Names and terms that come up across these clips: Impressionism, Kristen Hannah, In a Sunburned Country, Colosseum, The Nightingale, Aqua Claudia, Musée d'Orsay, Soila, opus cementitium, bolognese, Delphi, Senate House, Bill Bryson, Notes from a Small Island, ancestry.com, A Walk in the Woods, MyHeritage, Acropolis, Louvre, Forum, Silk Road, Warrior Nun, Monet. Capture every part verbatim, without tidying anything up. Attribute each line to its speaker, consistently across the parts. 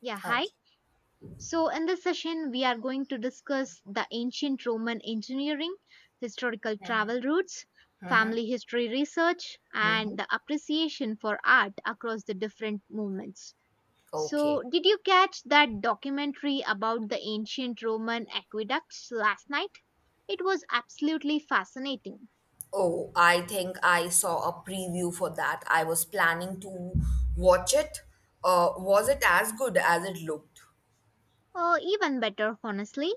Speaker 1: Yeah,
Speaker 2: Oh,
Speaker 1: hi. So, in this session, we are going to discuss the ancient Roman engineering, historical travel routes, family history research,
Speaker 2: mhm.
Speaker 1: and the appreciation for art across the different movements. So,
Speaker 2: Okay.
Speaker 1: did you catch that documentary about the ancient Roman aqueducts last night? It was absolutely fascinating.
Speaker 2: Oh, I think I saw a preview for that. I was planning to watch it. Uh, was it as good as it looked?
Speaker 1: Oh, even better, honestly.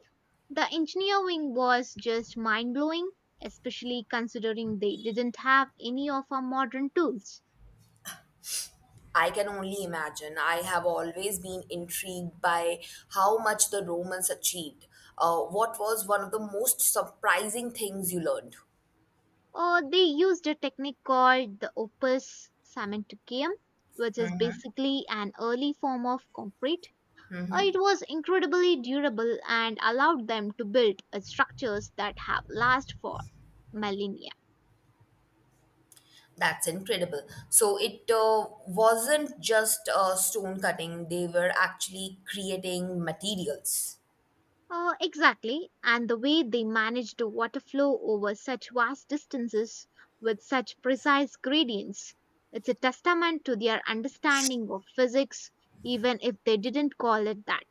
Speaker 1: The engineering was just mind blowing, especially considering they didn't have any of our modern tools.
Speaker 2: I can only imagine. I have always been intrigued by how much the Romans achieved. Uh, what was one of the most surprising things you learned?
Speaker 1: Or they used a technique called the opus cementitium, which is basically an early form of concrete. Uh, It was incredibly durable and allowed them to build uh, structures that have lasted for millennia.
Speaker 2: That's incredible. So it uh, wasn't just uh, stone cutting, they were actually creating materials.
Speaker 1: Uh, exactly, and the way they manage the water flow over such vast distances with such precise gradients. It's a testament to their understanding of physics, even if they didn't call it that.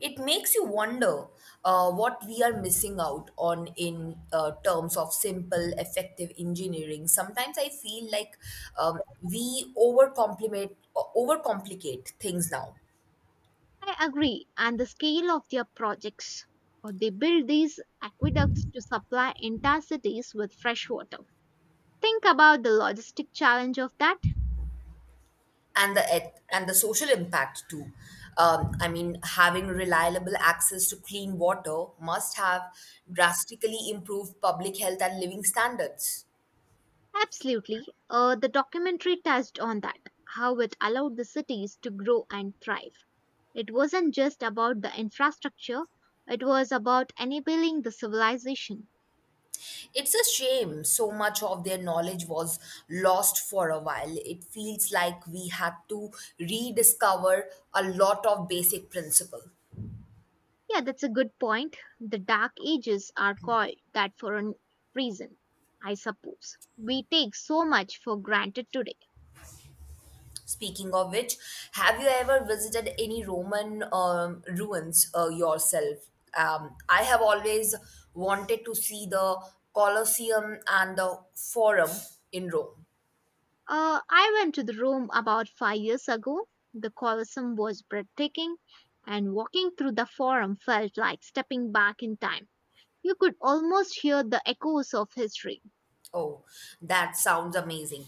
Speaker 2: It makes you wonder uh, what we are missing out on in uh, terms of simple, effective engineering. Sometimes I feel like um, we overcomplicate overcomplicate things now,
Speaker 1: I agree, and the scale of their projects. Or they build these aqueducts to supply entire cities with fresh water. Think about the logistic challenge of that.
Speaker 2: and the eth- and the social impact too. Um, I mean, having reliable access to clean water must have drastically improved public health and living standards.
Speaker 1: Absolutely. Uh, the documentary touched on that, how it allowed the cities to grow and thrive. It wasn't just about the infrastructure, it was about enabling the civilization.
Speaker 2: It's a shame so much of their knowledge was lost for a while. It feels like we had to rediscover a lot of basic principle.
Speaker 1: Yeah, that's a good point. The Dark Ages are called that for a reason, I suppose. We take so much for granted today.
Speaker 2: Speaking of which, have you ever visited any Roman um, ruins uh, yourself? Um, I have always wanted to see the Colosseum and the Forum in Rome.
Speaker 1: Uh, I went to the Rome about five years ago. The Colosseum was breathtaking, and walking through the Forum felt like stepping back in time. You could almost hear the echoes of history.
Speaker 2: Oh, that sounds amazing.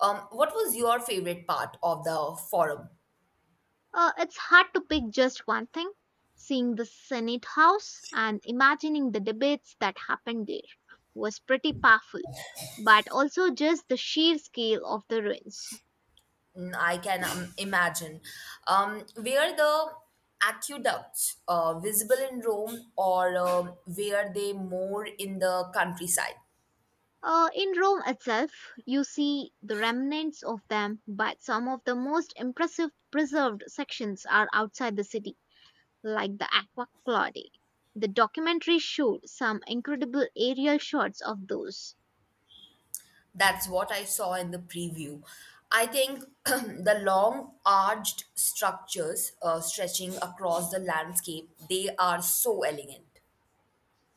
Speaker 2: Um, what was your favorite part of the Forum?
Speaker 1: Uh, it's hard to pick just one thing. Seeing the Senate House and imagining the debates that happened there was pretty powerful, but also just the sheer scale of the ruins.
Speaker 2: Mm, I can um, imagine. Um, were the aqueducts uh, visible in Rome or um were they more in the countryside?
Speaker 1: Uh, in Rome itself, you see the remnants of them, but some of the most impressive preserved sections are outside the city, like the Aqua Claudia. The documentary showed some incredible aerial shots of those.
Speaker 2: That's what I saw in the preview. I think the long arched structures uh, stretching across the landscape, they are so elegant.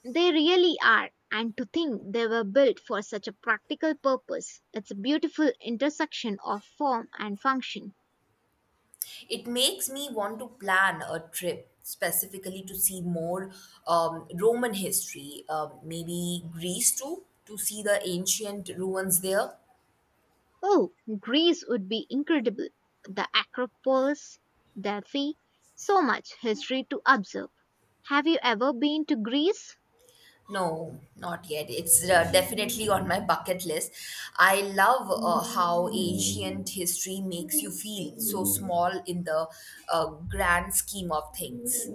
Speaker 1: They really are. And to think they were built for such a practical purpose. It's a beautiful intersection of form and function.
Speaker 2: It makes me want to plan a trip specifically to see more um, Roman history, um, maybe Greece too, to see the ancient ruins there.
Speaker 1: Oh, Greece would be incredible. The Acropolis, Delphi, so much history to observe. Have you ever been to Greece?
Speaker 2: No, not yet. It's uh, definitely on my bucket list. I love uh, how ancient history makes you feel so small in the uh, grand scheme of things.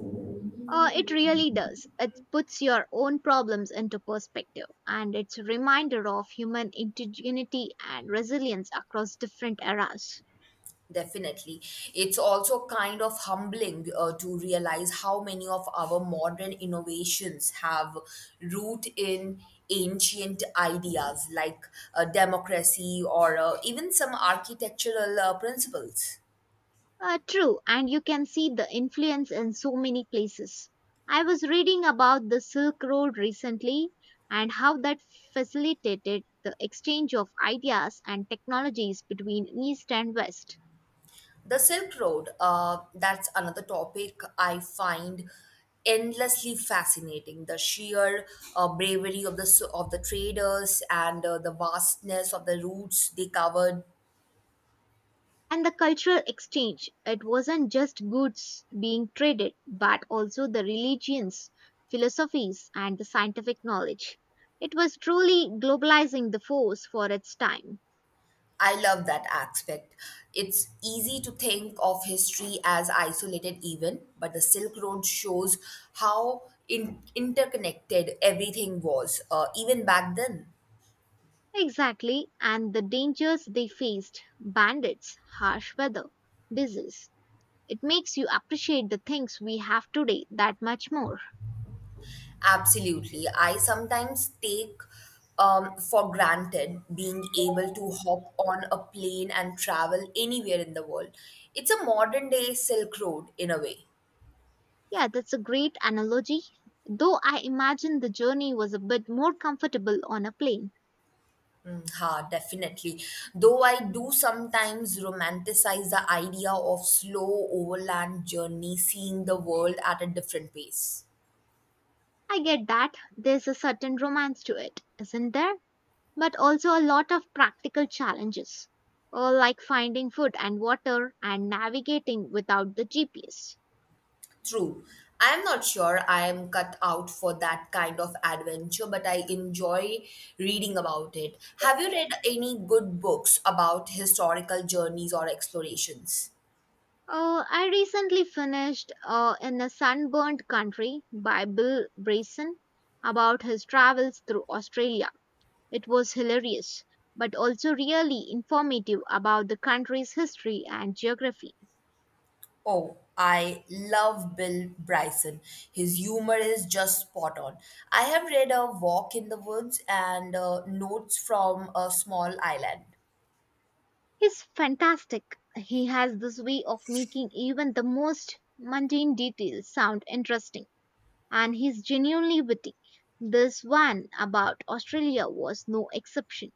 Speaker 1: Uh, it really does. It puts your own problems into perspective, and it's a reminder of human indigeneity and resilience across different eras.
Speaker 2: Definitely. It's also kind of humbling uh, to realize how many of our modern innovations have root in ancient ideas like uh, democracy or uh, even some architectural uh, principles.
Speaker 1: Uh, true, and you can see the influence in so many places. I was reading about the Silk Road recently and how that facilitated the exchange of ideas and technologies between East and West.
Speaker 2: The Silk Road, uh, that's another topic I find endlessly fascinating. The sheer uh, bravery of the s- of the traders and uh, the vastness of the routes they covered.
Speaker 1: And the cultural exchange, it wasn't just goods being traded, but also the religions, philosophies, and the scientific knowledge. It was truly globalizing the force for its time.
Speaker 2: I love that aspect. It's easy to think of history as isolated event, but the Silk Road shows how in- interconnected everything was, uh, even back then.
Speaker 1: Exactly, and the dangers they faced bandits, harsh weather, disease. It makes you appreciate the things we have today that much more.
Speaker 2: Absolutely. I sometimes take um, for granted being able to hop on a plane and travel anywhere in the world. It's a modern day Silk Road in a way.
Speaker 1: Yeah, that's a great analogy. Though I imagine the journey was a bit more comfortable on a plane.
Speaker 2: Mm, ha, definitely. Though I do sometimes romanticize the idea of slow overland journey, seeing the world at a different pace.
Speaker 1: I get that. There's a certain romance to it, isn't there? But also a lot of practical challenges, uh, like finding food and water and navigating without the G P S.
Speaker 2: True. I am not sure I am cut out for that kind of adventure, but I enjoy reading about it. Have you read any good books about historical journeys or explorations?
Speaker 1: Uh, I recently finished uh, In a Sunburned Country by Bill Bryson about his travels through Australia. It was hilarious, but also really informative about the country's history and geography.
Speaker 2: Oh, I love Bill Bryson. His humor is just spot on. I have read A Walk in the Woods and uh, Notes from a Small Island.
Speaker 1: He's fantastic. He has this way of making even the most mundane details sound interesting, and he's genuinely witty. This one about Australia was no exception.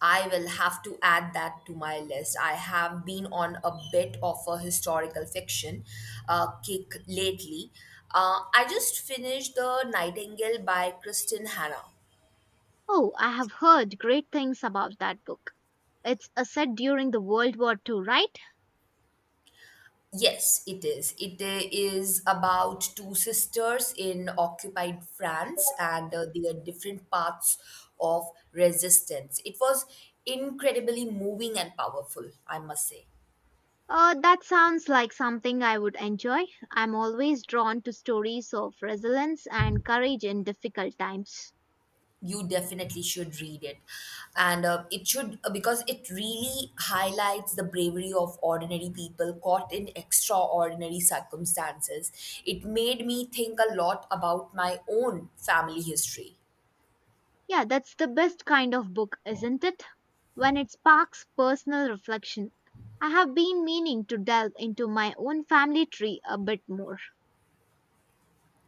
Speaker 2: I will have to add that to my list. I have been on a bit of a historical fiction uh, kick lately. Uh, I just finished The Nightingale by Kristen Hannah.
Speaker 1: Oh, I have heard great things about that book. It's a set during the World War Two, right?
Speaker 2: Yes, it is. It uh, is about two sisters in occupied France and uh, their different paths of resistance. It was incredibly moving and powerful, I must say.
Speaker 1: Uh, that sounds like something I would enjoy. I'm always drawn to stories of resilience and courage in difficult times.
Speaker 2: You definitely should read it. And uh, it should, uh, because it really highlights the bravery of ordinary people caught in extraordinary circumstances. It made me think a lot about my own family history.
Speaker 1: Yeah, that's the best kind of book, isn't it? When it sparks personal reflection. I have been meaning to delve into my own family tree a bit more.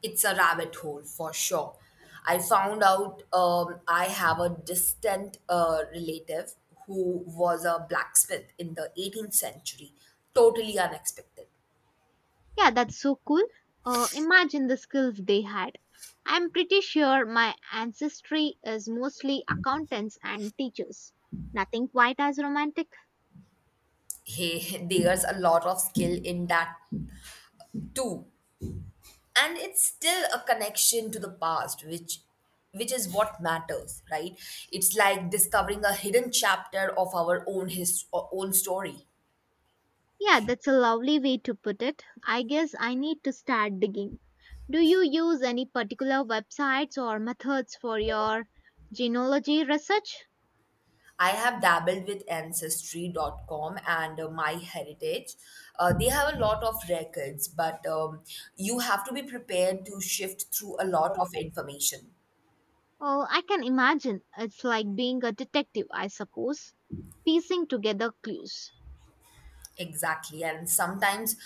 Speaker 2: It's a rabbit hole for sure. I found out um, I have a distant uh, relative who was a blacksmith in the eighteenth century. Totally unexpected.
Speaker 1: Yeah, that's so cool. Uh, imagine the skills they had. I'm pretty sure my ancestry is mostly accountants and teachers. Nothing quite as romantic.
Speaker 2: Hey, there's a lot of skill in that too. And it's still a connection to the past, which which is what matters, right? It's like discovering a hidden chapter of our own his own story.
Speaker 1: Yeah, that's a lovely way to put it. I guess I need to start digging. Do you use any particular websites or methods for your genealogy research?
Speaker 2: I have dabbled with ancestry dot com and uh, MyHeritage. Uh, they have a lot of records, but um, you have to be prepared to shift through a lot of information.
Speaker 1: Oh, I can imagine. It's like being a detective, I suppose, piecing together clues.
Speaker 2: Exactly. And sometimes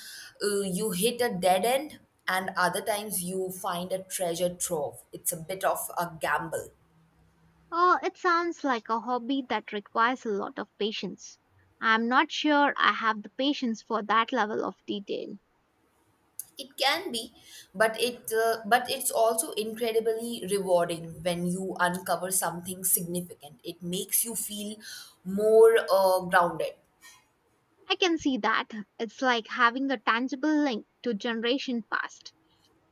Speaker 2: uh, you hit a dead end, and other times you find a treasure trove. It's a bit of a gamble.
Speaker 1: Oh, it sounds like a hobby that requires a lot of patience. I'm not sure I have the patience for that level of detail.
Speaker 2: It can be, but it uh, but it's also incredibly rewarding when you uncover something significant. It makes you feel more uh, grounded.
Speaker 1: I can see that. It's like having a tangible link to generation past.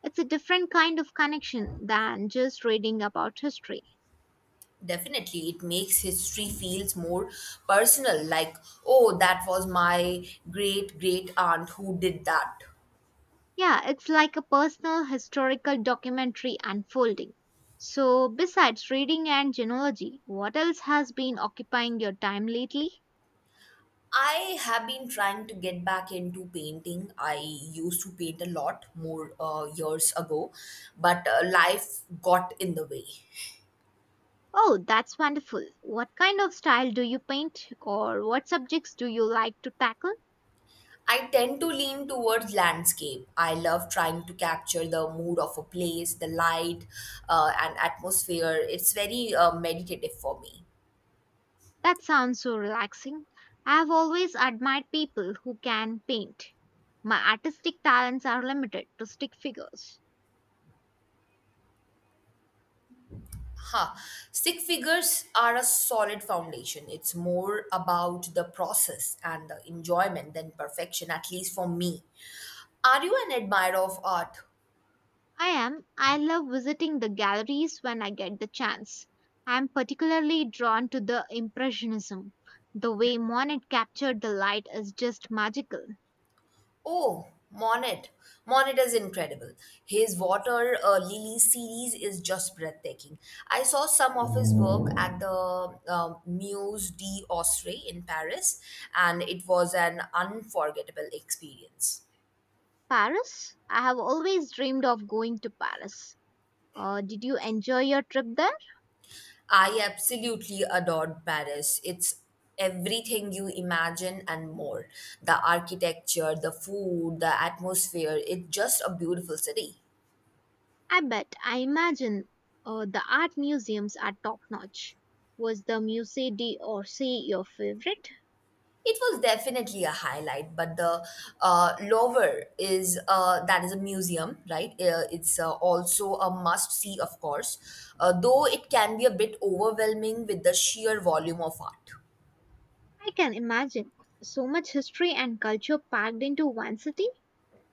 Speaker 1: It's a different kind of connection than just reading about history.
Speaker 2: Definitely, it makes history feels more personal. Like, oh, that was my great great aunt who did that.
Speaker 1: Yeah, it's like a personal historical documentary unfolding. So, besides reading and genealogy, what else has been occupying your time lately?
Speaker 2: I have been trying to get back into painting. I used to paint a lot more uh, years ago, but uh, life got in the way.
Speaker 1: Oh, that's wonderful. What kind of style do you paint or what subjects do you like to tackle?
Speaker 2: I tend to lean towards landscape. I love trying to capture the mood of a place, the light, uh, and atmosphere. It's very uh, meditative for me.
Speaker 1: That sounds so relaxing. I've always admired people who can paint. My artistic talents are limited to stick figures.
Speaker 2: Huh. Stick figures are a solid foundation. It's more about the process and the enjoyment than perfection, at least for me. Are you an admirer of art?
Speaker 1: I am. I love visiting the galleries when I get the chance. I'm particularly drawn to the Impressionism. The way Monet captured the light is just magical.
Speaker 2: Oh, Monet. Monet is incredible. His Water uh, Lily series is just breathtaking. I saw some of his work at the uh, Musée d'Orsay in Paris, and it was an unforgettable experience.
Speaker 1: Paris? I have always dreamed of going to Paris. Uh, did you enjoy your trip there?
Speaker 2: I absolutely adored Paris. It's everything you imagine and more, the architecture, the food, the atmosphere. It's just a beautiful city.
Speaker 1: I bet. I imagine uh, the art museums are top notch. Was the Musée d'Orsay your favorite?
Speaker 2: It was definitely a highlight, but the uh, Louvre is uh, that is a museum, right? Uh, it's uh, also a must see, of course, uh, though it can be a bit overwhelming with the sheer volume of art.
Speaker 1: I can imagine. So much history and culture packed into one city.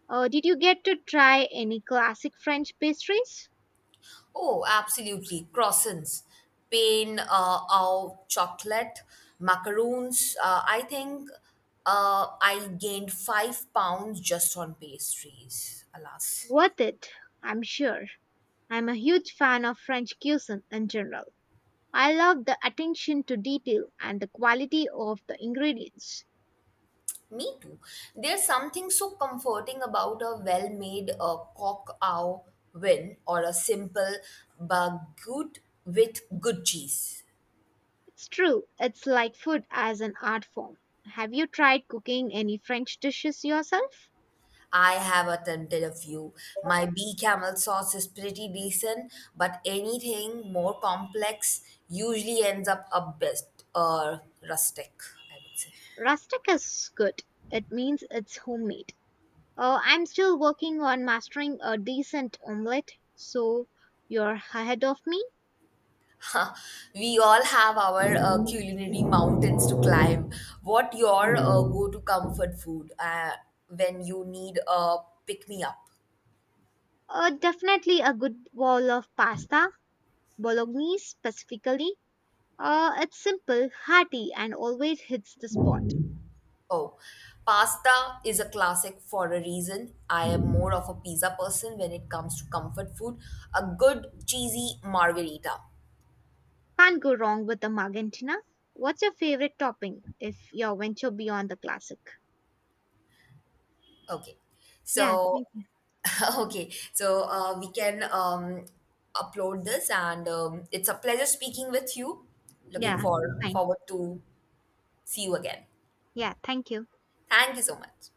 Speaker 1: Uh, did you get to try any classic French pastries?
Speaker 2: Oh, absolutely! Croissants, pain, uh, au chocolate, macaroons. Uh, I think uh, I gained five pounds just on pastries. Alas.
Speaker 1: Worth it, I'm sure. I'm a huge fan of French cuisine in general. I love the attention to detail and the quality of the ingredients.
Speaker 2: Me too. There's something so comforting about a well made uh, cock ow win or a simple baguette with good cheese.
Speaker 1: It's true. It's like food as an art form. Have you tried cooking any French dishes yourself?
Speaker 2: I have attempted a few. My bee camel sauce is pretty decent, but anything more complex usually ends up a best uh, rustic, I would say.
Speaker 1: Rustic is good. It means it's homemade. Uh, I'm still working on mastering a decent omelette, so you're ahead of me.
Speaker 2: Huh. We all have our uh, culinary mountains to climb. What your uh, go-to comfort food uh, when you need a pick-me-up?
Speaker 1: Uh, definitely a good bowl of pasta, bolognese specifically. Uh, it's simple, hearty, and always hits the spot.
Speaker 2: Oh, pasta is a classic for a reason. I am more of a pizza person when it comes to comfort food. A good cheesy margarita.
Speaker 1: Can't go wrong with the magantina. What's your favorite topping if you venture beyond the classic?
Speaker 2: Okay,
Speaker 1: Yeah,
Speaker 2: so
Speaker 1: thank you.
Speaker 2: okay, so uh, we can um, upload this, and um, it's a pleasure speaking with you. Looking
Speaker 1: Yeah,
Speaker 2: for
Speaker 1: fine.
Speaker 2: forward to see you again.
Speaker 1: Yeah, thank you.
Speaker 2: Thank you so much.